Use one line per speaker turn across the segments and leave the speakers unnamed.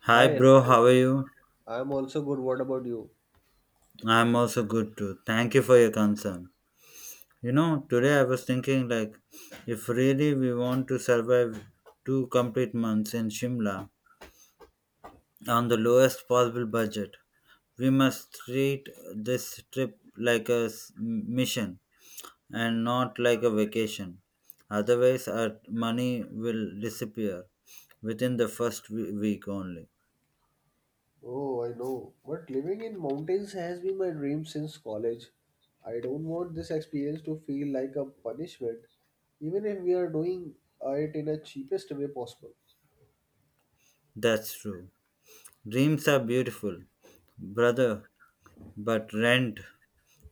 Hi,
Hi,
bro, how are you?
I'm also good. What about you?
I'm also good too. Thank you for your concern. You know, today I was thinking like, if really we want to survive two complete months in Shimla on the lowest possible budget, we must treat this trip like a mission and not like a vacation. Otherwise, our money will disappear within the first week only.
Oh, I know, but living in mountains has been my dream since college. I don't want this experience to feel like a punishment, even if we are doing it in a cheapest way possible.
That's true. Dreams are beautiful, brother, but rent,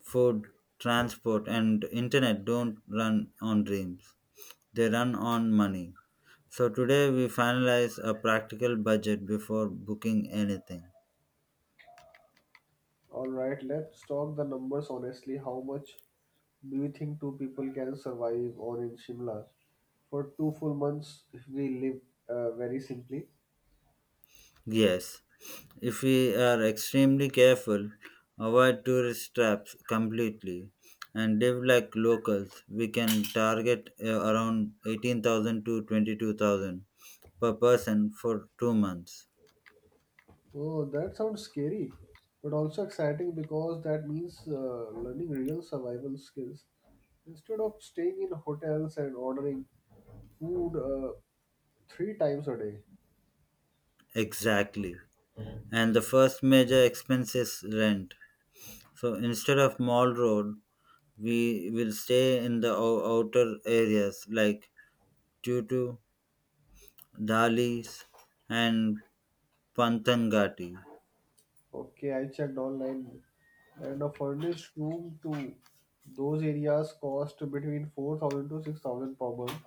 food, transport, and internet don't run on dreams, they run on money. So, today we finalize a practical budget before booking anything.
Alright, let's talk the numbers honestly. How much do you think two people can survive on in Shimla for 2 full months if we live very simply?
Yes, if we are extremely careful, avoid tourist traps completely, and live like locals, we can target around 18,000 to 22,000 per person for 2 months.
Oh, that sounds scary, but also exciting because that means learning real survival skills. Instead of staying in hotels and ordering food 3 times a day.
Exactly. And the first major expense is rent. So instead of Mall Road, we will stay in the outer areas like Tutu, Dalis, and Panthangati.
Okay, I checked online, and a furnished room to those areas cost between 4,000 to 6,000 per month,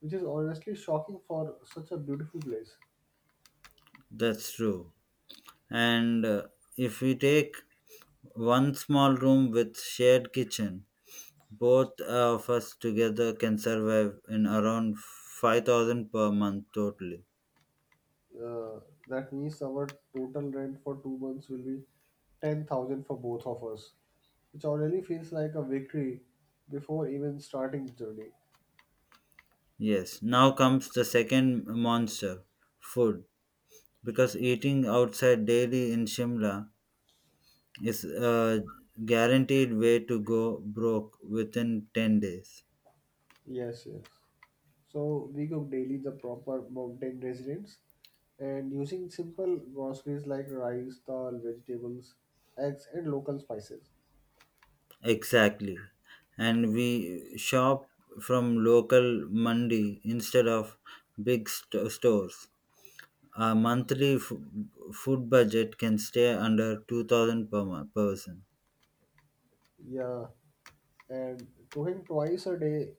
which is honestly shocking for such a beautiful place.
That's true. And if we take one small room with shared kitchen, both of us together can survive in around 5,000 per month totally.
Uh, that means our total rent for 2 months will be 10,000 for both of us, which already feels like a victory before even starting the journey.
Yes, now comes the second monster, food, because eating outside daily in Shimla, it's a guaranteed way to go broke within 10 days.
Yes, yes. So we cook daily the proper mountain residents and using simple groceries like rice, dal, vegetables, eggs, and local spices.
Exactly. And we shop from local mandi instead of big stores. Our monthly food budget can stay under 2,000 per person.
Yeah, and cooking twice a day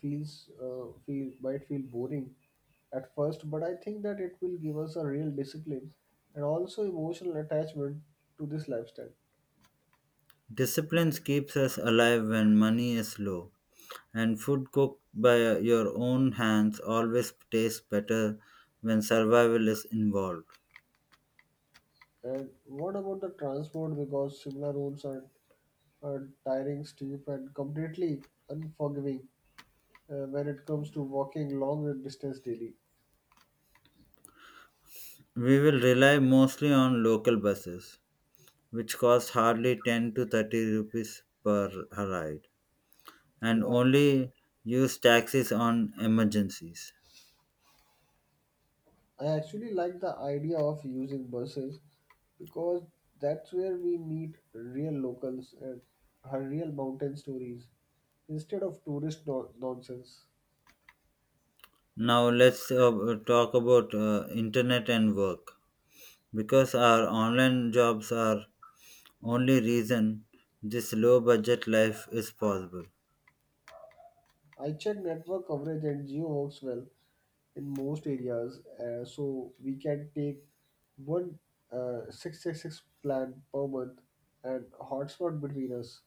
feels feel boring at first, but I think that it will give us a real discipline and also emotional attachment to this lifestyle.
Discipline keeps us alive when money is low, and food cooked by your own hands always tastes better when survival is involved.
And what about the transport, because similar roads are tiring, steep, and completely unforgiving when it comes to walking long distance daily.
We will rely mostly on local buses, which cost hardly 10 to 30 rupees per ride, and
Yeah,
only use taxis on emergencies.
I actually like the idea of using buses because that's where we meet real locals and her real mountain stories instead of tourist nonsense.
Now, let's talk about internet and work. Because our online jobs are only reason this low budget life is possible.
I check network coverage and geo works well in most areas, so we can take one 666 plan per month and hotspot between us.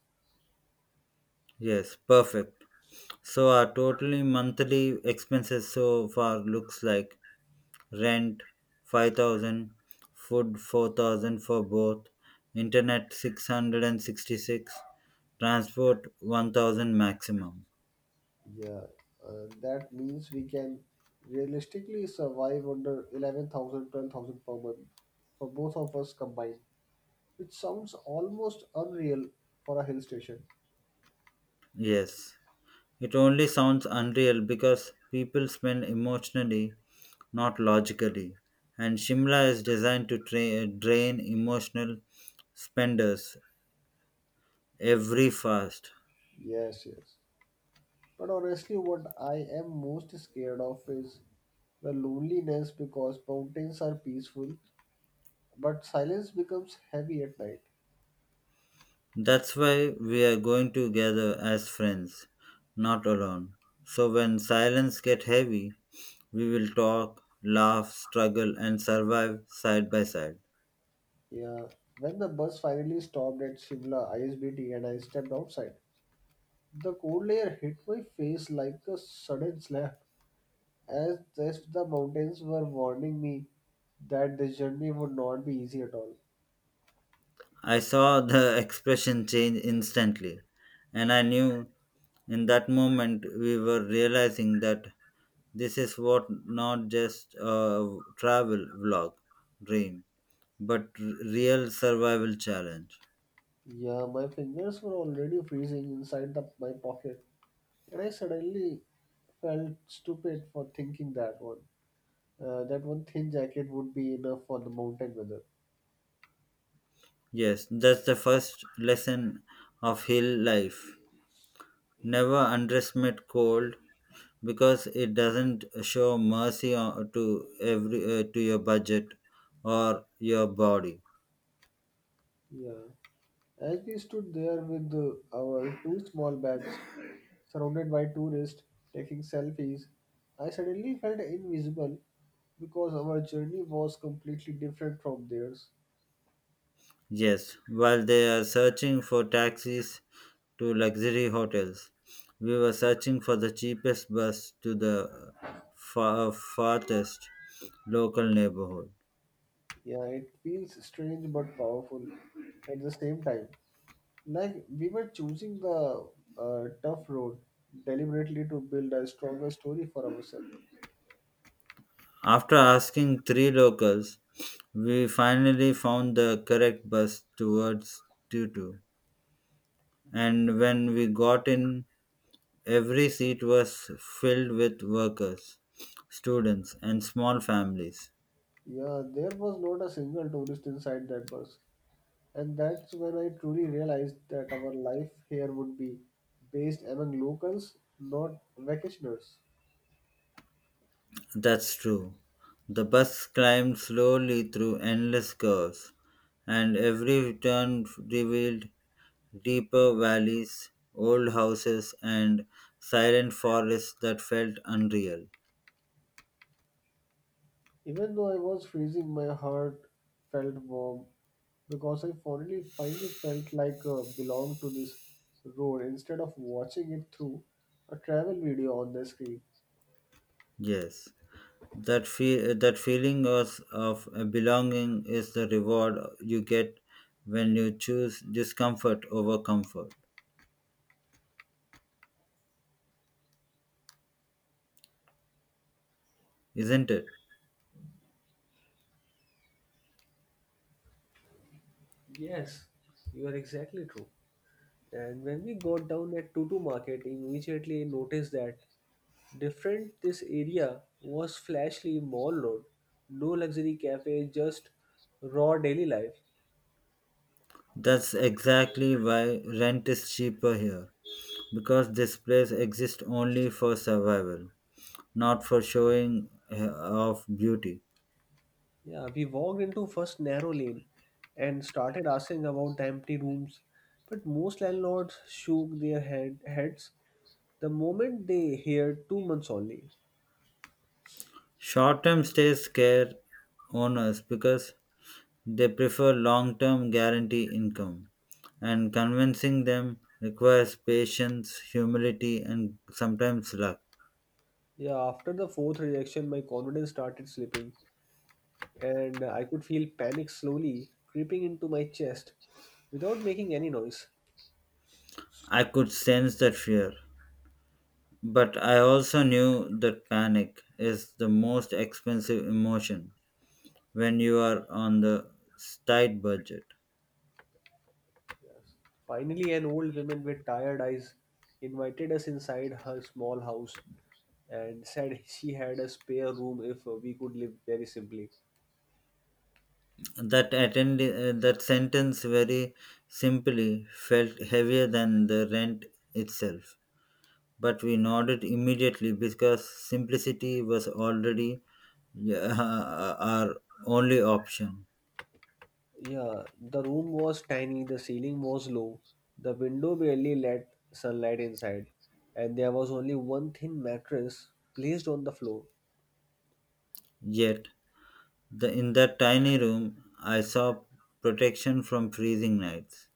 Yes, perfect. So our total monthly expenses so far looks like rent 5,000, food 4,000 for both, internet 666, transport 1,000 maximum.
Yeah, that means we can realistically survive under 11,000, 12,000 per month for both of us combined, which sounds almost unreal for a hill station.
Yes, it only sounds unreal because people spend emotionally, not logically, and Shimla is designed to drain emotional spenders every fast.
Yes, yes. But honestly, what I am most scared of is the loneliness, because mountains are peaceful, but silence becomes heavy at night.
That's why we are going to gather as friends, not alone, so when silence get heavy, we will talk, laugh, struggle, and survive side by side.
Yeah, when the bus finally stopped at Shimla ISBT and I stepped outside, the cold layer hit my face like a sudden slap, as if the mountains were warning me that this journey would not be easy at all.
I saw the expression change instantly, and I knew in that moment we were realizing that this is what not just a travel vlog dream, but real survival challenge.
Yeah, my fingers were already freezing inside my pocket, and I suddenly felt stupid for thinking that one. That one thin jacket would be enough for the mountain weather.
Yes, that's the first lesson of hill life. Never underestimate cold, because it doesn't show mercy to your budget or your body.
Yeah. As we stood there with our two small bags surrounded by tourists taking selfies, I suddenly felt invisible because our journey was completely different from theirs.
Yes, while they are searching for taxis to luxury hotels, we were searching for the cheapest bus to the farthest local neighborhood.
Yeah, it feels strange but powerful at the same time. Like we were choosing the tough road deliberately to build a stronger story for ourselves.
After asking three locals, we finally found the correct bus towards Tutu. And when we got in, every seat was filled with workers, students, and small families.
Yeah, there was not a single tourist inside that bus. And that's when I truly realized that our life here would be based among locals, not vacationers.
That's true. The bus climbed slowly through endless curves, and every turn revealed deeper valleys, old houses, and silent forests that felt unreal.
Even though I was freezing, my heart felt warm because I finally felt like belonged to this road instead of watching it through a travel video on the screen.
Yes, that feeling of belonging is the reward you get when you choose discomfort over comfort, isn't it?
You are exactly true. And when we got down at Tutu Market, immediately I noticed that different this area was flashly Mall Road. No luxury cafe, just raw daily life.
That's exactly why rent is cheaper here, because this place exists only for survival, not for showing off beauty.
Yeah, we walked into first narrow lane and started asking about the empty rooms, but most landlords shook their heads the moment they heard 2 months only.
Short term stays scare owners because they prefer long term guarantee income, and convincing them requires patience, humility, and sometimes luck.
Yeah, after the fourth rejection, my confidence started slipping, and I could feel panic slowly creeping into my chest without making any noise.
I could sense that fear, but I also knew that panic is the most expensive emotion when you are on the tight budget.
Finally, an old woman with tired eyes invited us inside her small house and said she had a spare room if we could live very simply.
That sentence, very simply, felt heavier than the rent itself. But we nodded immediately because simplicity was already, yeah, our only option.
Yeah, the room was tiny, the ceiling was low, the window barely let sunlight inside, and there was only one thin mattress placed on the floor.
Yet, in that tiny room, I saw protection from freezing nights,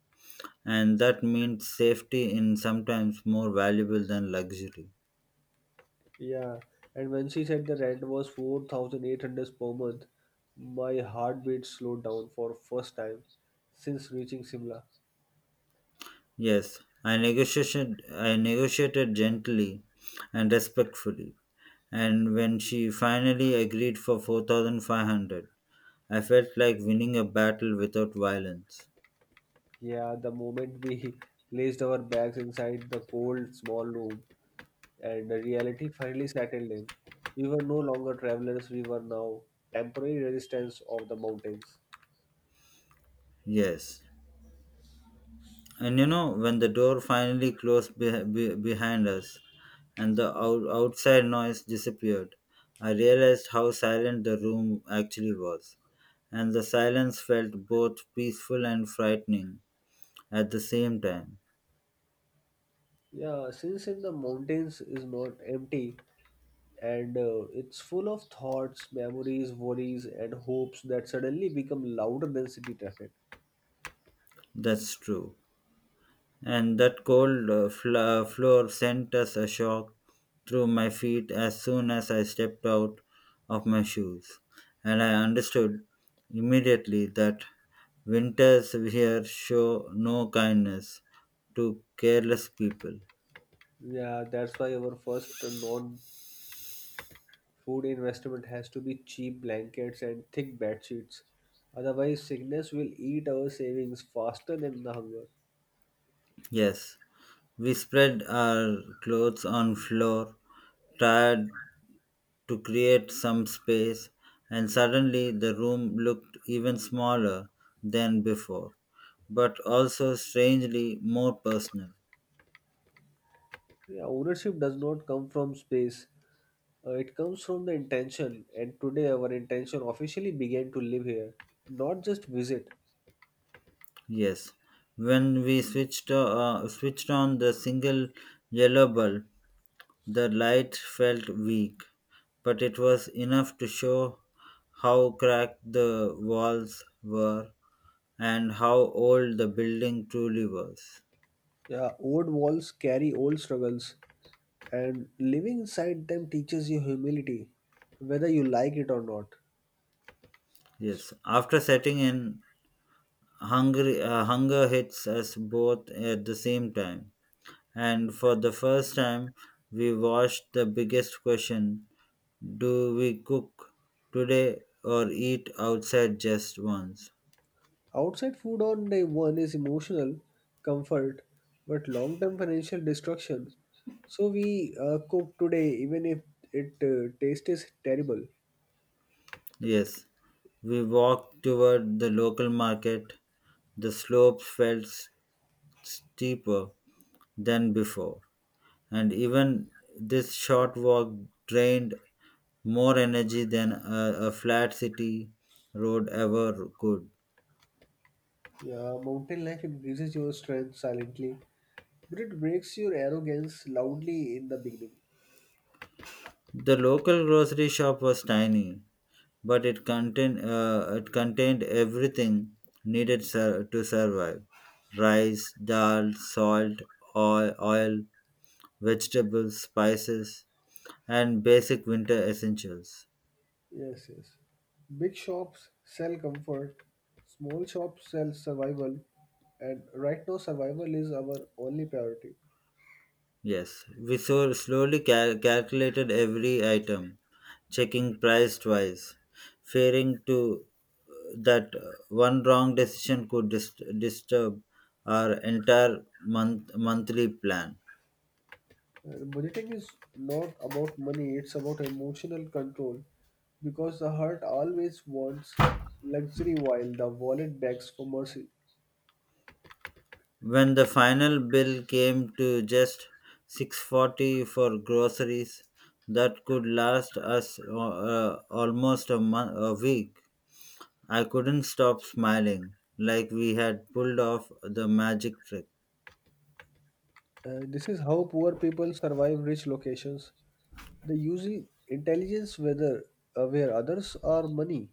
and that meant safety in sometimes more valuable than luxury.
Yeah, and when she said the rent was 4,800 per month, my heartbeat slowed down for first time since reaching Simla.
Yes, I negotiated gently and respectfully, and when she finally agreed for 4,500, I felt like winning a battle without violence.
Yeah, the moment we placed our bags inside the cold small room, and the reality finally settled in. We were no longer travelers, we were now temporary resistance of the mountains.
Yes. And you know, when the door finally closed behind us and the outside noise disappeared, I realized how silent the room actually was, and the silence felt both peaceful and frightening at the same time.
Yeah, since in the mountains is not empty and it's full of thoughts, memories, worries, and hopes that suddenly become louder than city traffic.
That's true. And that cold fla floor sent us a shock through my feet as soon as I stepped out of my shoes. And I understood immediately that winters here show no kindness to careless people.
Yeah, that's why our first non food investment has to be cheap blankets and thick bed sheets. Otherwise, sickness will eat our savings faster than the hunger.
Yes, we spread our clothes on floor, tired to create some space, and suddenly the room looked even smaller than before, but also strangely more personal.
Yeah, ownership does not come from space. It comes from the intention, and today our intention officially began to live here, not just visit.
Yes, when we switched on the single yellow bulb, the light felt weak, but it was enough to show how cracked the walls were and how old the building truly was.
Yeah, old walls carry old struggles, and living inside them teaches you humility, whether you like it or not.
Yes, after setting in, hunger hits us both at the same time. And for the first time, we watched the biggest question: do we cook today or eat outside just once?
Outside food on day one is emotional comfort, but long term financial destruction. So we cook today, even if it taste is terrible.
Yes, we walked toward the local market. The slope felt steeper than before, and even this short walk drained more energy than a flat city road ever could.
Yeah, mountain life increases your strength silently, but it breaks your arrogance loudly in the beginning.
The local grocery shop was tiny, but it contained everything needed to survive: rice, dal, salt, oil, vegetables, spices, and basic winter essentials.
Yes, yes. Big shops sell comfort, small shops sell survival, and right now survival is our only priority.
Yes, we so slowly calculated every item, checking price twice, fearing to that one wrong decision could disturb our entire monthly plan.
And budgeting is not about money, it's about emotional control because the heart always wants luxury while the wallet begs for mercy.
When the final bill came to just 640 for groceries, that could last us almost a week. I couldn't stop smiling, like we had pulled off the magic trick.
This is how poor people survive rich locations. They use intelligence whether where others are money.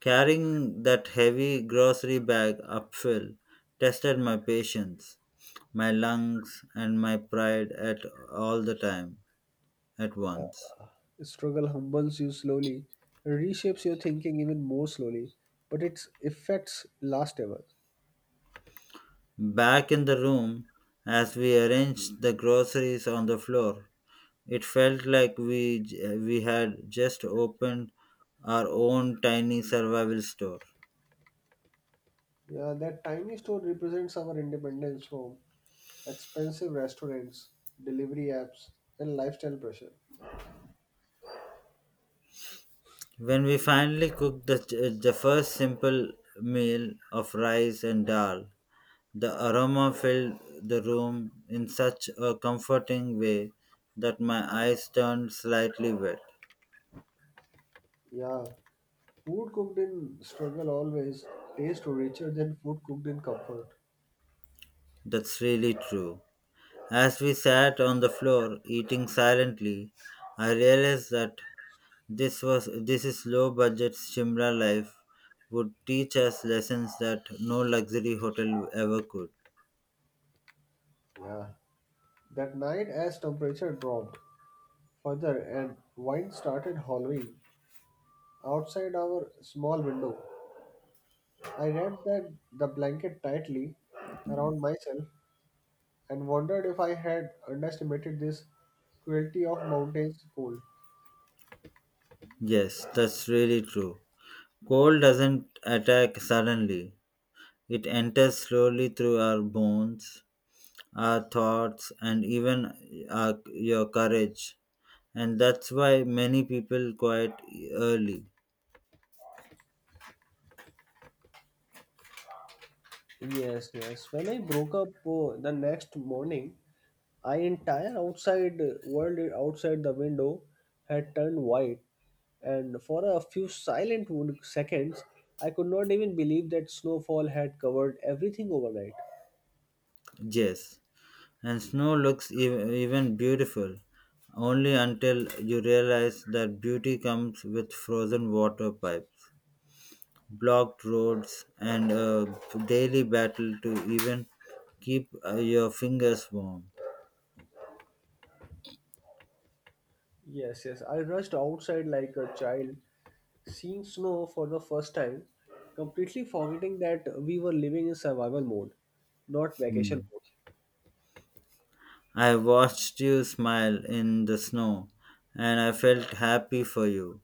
Carrying that heavy grocery bag uphill tested my patience, my lungs, and my pride at all the time at once.
Struggle humbles you slowly, reshapes your thinking even more slowly, but its effects last ever.
Back in the room, as we arranged the groceries on the floor, it felt like we had just opened our own tiny survival store.
Yeah, that tiny store represents our independence from expensive restaurants, delivery apps, and lifestyle pressure.
When we finally cooked the first simple meal of rice and dal, the aroma filled the room in such a comforting way that my eyes turned slightly wet.
Yeah, food cooked in struggle always tastes richer than food cooked in comfort.
That's really true. As we sat on the floor eating silently, I realized that this was this is low budget Shimla life would teach us lessons that no luxury hotel ever could.
Yeah, that night as temperature dropped further and wind started hollowing outside our small window, I wrapped the blanket tightly around myself and wondered if I had underestimated this cruelty of mountain's cold.
Yes, that's really true. Cold doesn't attack suddenly. It enters slowly through our bones, our thoughts, and even your courage. And that's why many people quite early.
Yes, yes. When I broke up the next morning, I entire outside world outside the window had turned white, and for a few silent seconds, I could not even believe that snowfall had covered everything overnight.
Yes. And snow looks even beautiful only until you realize that beauty comes with frozen water pipes, blocked roads, and a daily battle to even keep your fingers warm.
Yes, yes. I rushed outside like a child, seeing snow for the first time, completely forgetting that we were living in survival mode, not vacation
Hmm.
mode.
I watched you smile in the snow, and I felt happy for you,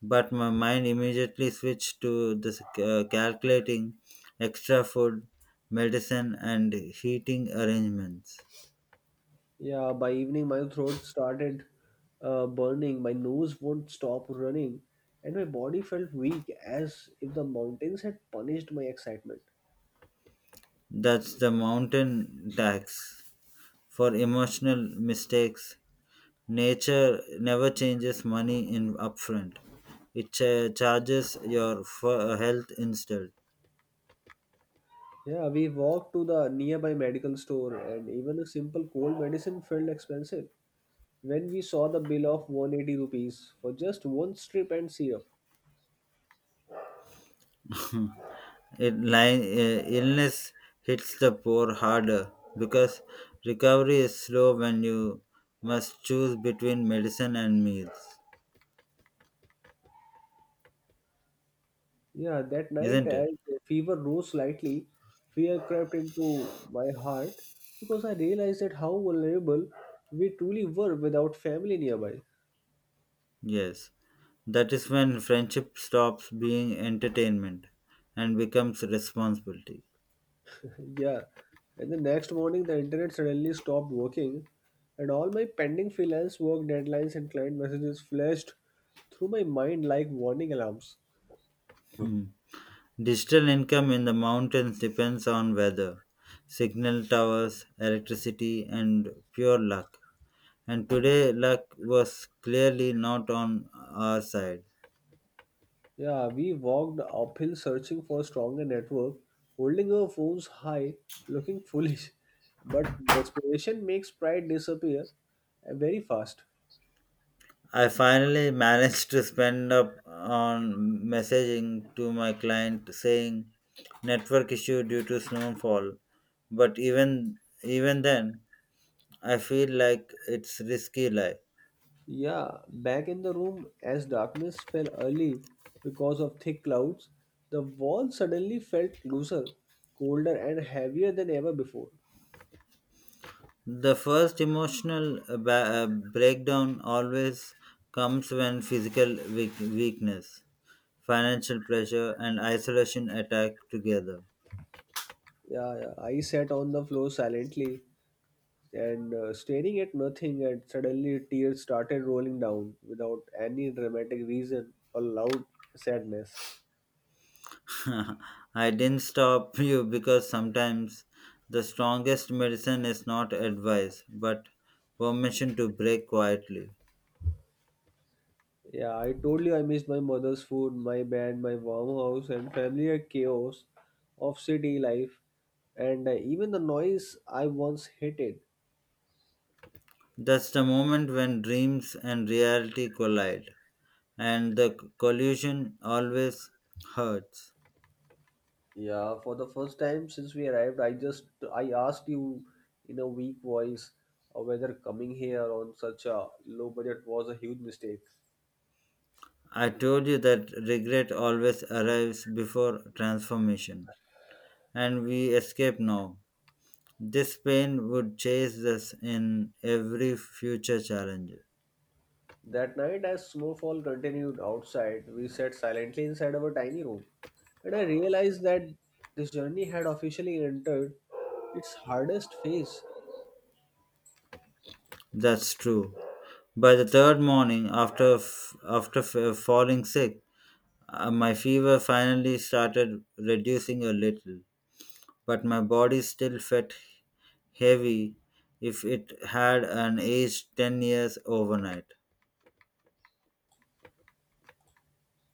but my mind immediately switched to this calculating extra food, medicine, and heating arrangements.
Yeah, by evening, my throat started burning, my nose wouldn't stop running, and my body felt weak as if the mountains had punished my excitement.
That's the mountain tax for emotional mistakes. Nature never changes money in upfront. It charges your health instead.
Yeah, we walked to the nearby medical store, and even a simple cold medicine felt expensive when we saw the bill of ₹180 for just one strip and syrup.
Illness hits the poor harder because recovery is slow when you must choose between medicine and meals,
Yeah, that night,
isn't it?
as the fever rose slightly, fear crept into my heart because I realized that how vulnerable we truly were without family nearby.
Yes. That is when friendship stops being entertainment and becomes responsibility.
Yeah, and the next morning, the internet suddenly stopped working, and all my pending freelance work deadlines and client messages flashed through my mind like warning alarms.
Hmm. Digital income in the mountains depends on weather, signal towers, electricity, and pure luck. And today, luck was clearly not on our side.
Yeah, we walked uphill searching for a stronger network, holding our phones high, looking foolish. But desperation makes pride disappear very fast.
I finally managed to spend up on messaging to my client saying network issue due to snowfall. But even then, I feel like it's risky lie.
Yeah, back in the room, as darkness fell early because of thick clouds, the wall suddenly felt closer, colder, and heavier than ever before.
The first emotional breakdown always comes when physical weakness, financial pressure, and isolation attack together.
Yeah, I sat on the floor silently, and staring at nothing, and suddenly tears started rolling down without any dramatic reason or loud sadness.
I didn't stop you because sometimes the strongest medicine is not advice, but permission to break quietly.
Yeah, I told you I missed my mother's food, my bed, my warm house, and familiar chaos of city life, and even the noise I once hated.
That's the moment when dreams and reality collide, and the collision always hurts.
Yeah, for the first time since we arrived, I asked you in a weak voice whether coming here on such a low budget was a huge mistake.
I told you that regret always arrives before transformation, and we escape now. This pain would chase us in every future challenge.
That night, as snowfall continued outside, we sat silently inside our tiny room, and I realized that this journey had officially entered its hardest phase.
That's true. By the third morning, after falling sick, my fever finally started reducing a little, but my body still felt heavy if it had an age 10 years overnight.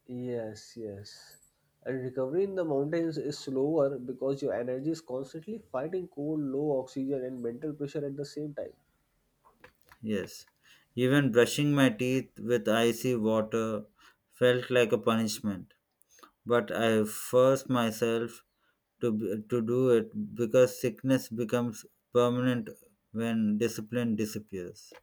Yes, yes. And recovery in the mountains is slower because your energy is constantly fighting cold, low oxygen, and mental pressure at the same time.
Yes. Even brushing my teeth with icy water felt like a punishment, but I force myself to do it because sickness becomes permanent when discipline disappears.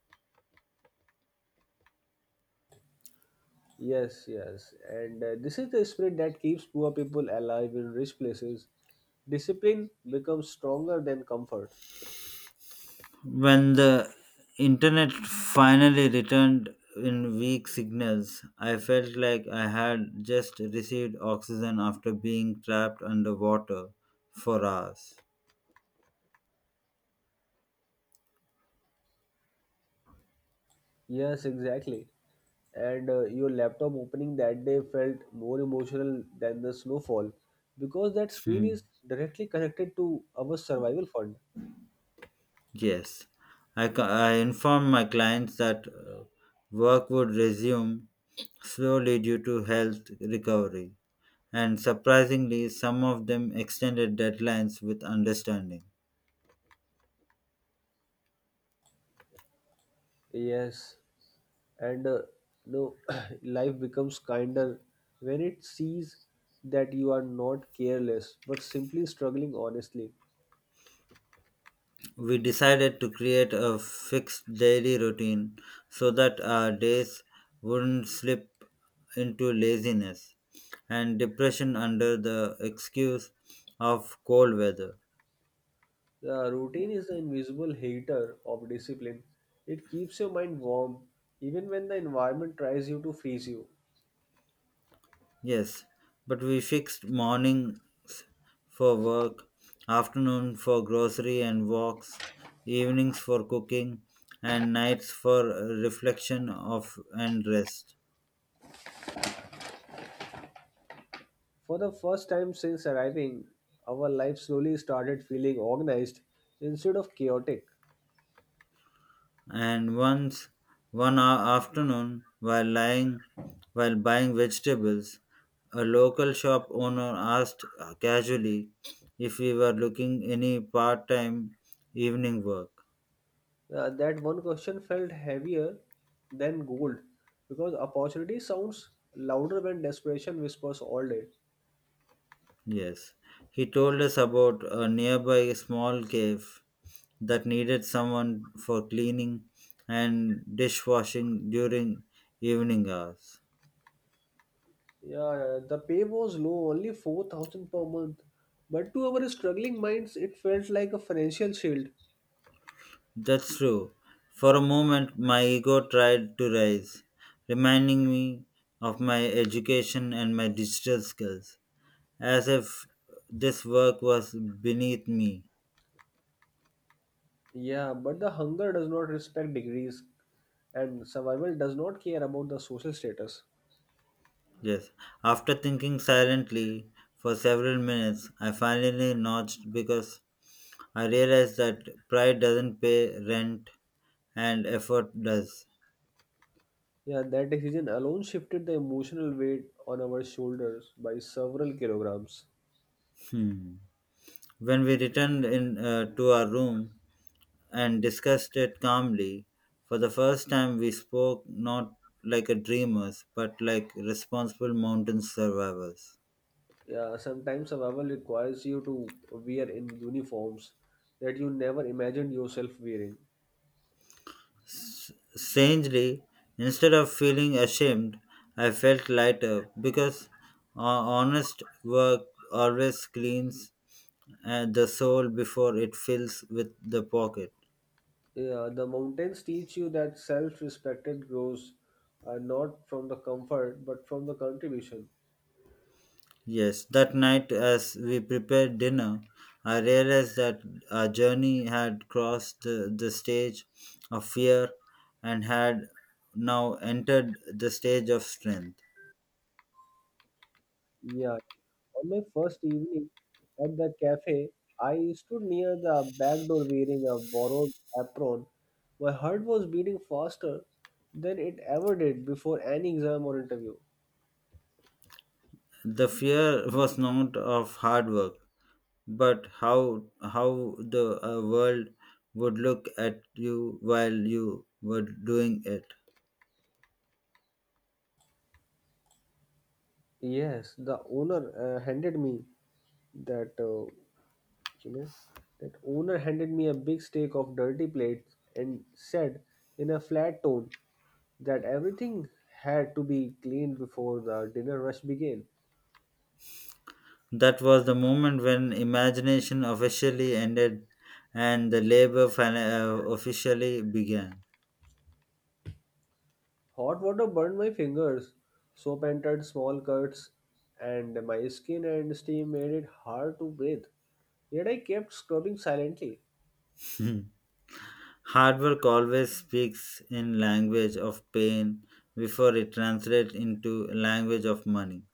Yes, yes. And this is the spirit that keeps poor people alive in rich places. Discipline becomes stronger than comfort.
When the internet finally returned in weak signals, I felt like I had just received oxygen after being trapped underwater for hours.
Yes, exactly. And your laptop opening that day felt more emotional than the snowfall because that screen is
Hmm.
directly connected to our survival fund.
Yes, I informed my clients that work would resume slowly due to health recovery, and surprisingly, some of them extended deadlines with understanding.
Yes, and no life becomes kinder when it sees that you are not careless but simply struggling honestly.
We decided to create a fixed daily routine so that our days wouldn't slip into laziness and depression under the excuse of cold weather.
The routine is the invisible hater of discipline. It keeps your mind warm even when the environment tries you to freeze you.
Yes, but we fixed mornings for work, afternoon for grocery and walks, evenings for cooking, and nights for reflection of and rest.
For the first time since arriving, our life slowly started feeling organized instead of chaotic.
And once one a- afternoon while lying while buying vegetables, a local shop owner asked casually if we were looking any part-time evening work.
That one question felt heavier than gold because opportunity sounds louder when desperation whispers all day.
Yes, he told us about a nearby small cave that needed someone for cleaning and dishwashing during evening hours.
Yeah, the pay was low, only 4,000 per month, but to our struggling minds, it felt like a financial shield.
That's true. For a moment, my ego tried to rise, reminding me of my education and my digital skills, as if this work was beneath me.
Yeah, but the hunger does not respect degrees, and survival does not care about the social status.
Yes. After thinking silently for several minutes, I finally nudged because I realized that pride doesn't pay rent and effort does.
Yeah, that decision alone shifted the emotional weight on our shoulders by several kilograms.
Hmm. When we returned in to our room and discussed it calmly, for the first time we spoke not like a dreamers but like responsible mountain survivors.
Yeah, sometimes survival requires you to wear in uniforms that you never imagined yourself wearing.
Strangely, instead of feeling ashamed, I felt lighter because honest work always cleans the soul before it fills with the pocket.
Yeah, the mountains teach you that self-respect grows not from the comfort but from the contribution.
Yes, that night as we prepared dinner, I realized that our journey had crossed the stage of fear and had now entered the stage of strength.
Yeah. On my first evening at the cafe, I stood near the back door wearing a borrowed apron. My heart was beating faster than it ever did before any exam or interview.
The fear was not of hard work, but how the world would look at you while you were doing it.
Yes, the owner handed me that, you know, that owner handed me a big steak of dirty plates and said in a flat tone that everything had to be cleaned before the dinner rush began.
That was the moment when imagination officially ended and the labor officially began.
Hot water burned my fingers. Soap entered small cuts, and my skin and steam made it hard to breathe. Yet I kept scrubbing silently.
Hard work always speaks in language of pain before it translates into language of money.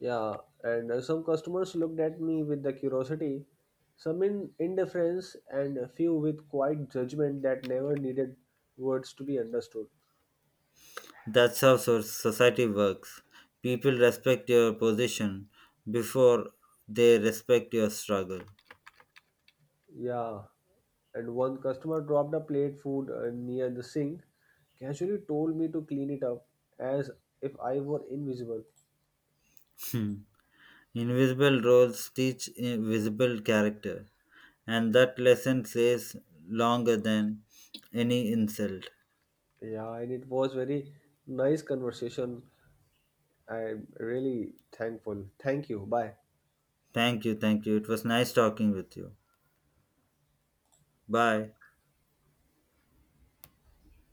Yeah, and some customers looked at me with the curiosity, some in indifference, and a few with quiet judgment that never needed words to be understood.
That's how society works. People respect your position before they respect your struggle.
Yeah, and one customer dropped a plate food near the sink, casually told me to clean it up as if I were invisible.
Hmm. Invisible roles teach visible character. And that lesson says longer than any insult.
Yeah, and it was very nice conversation. I'm really thankful. Thank you. Bye.
Thank you, thank you. It was nice talking with you. Bye.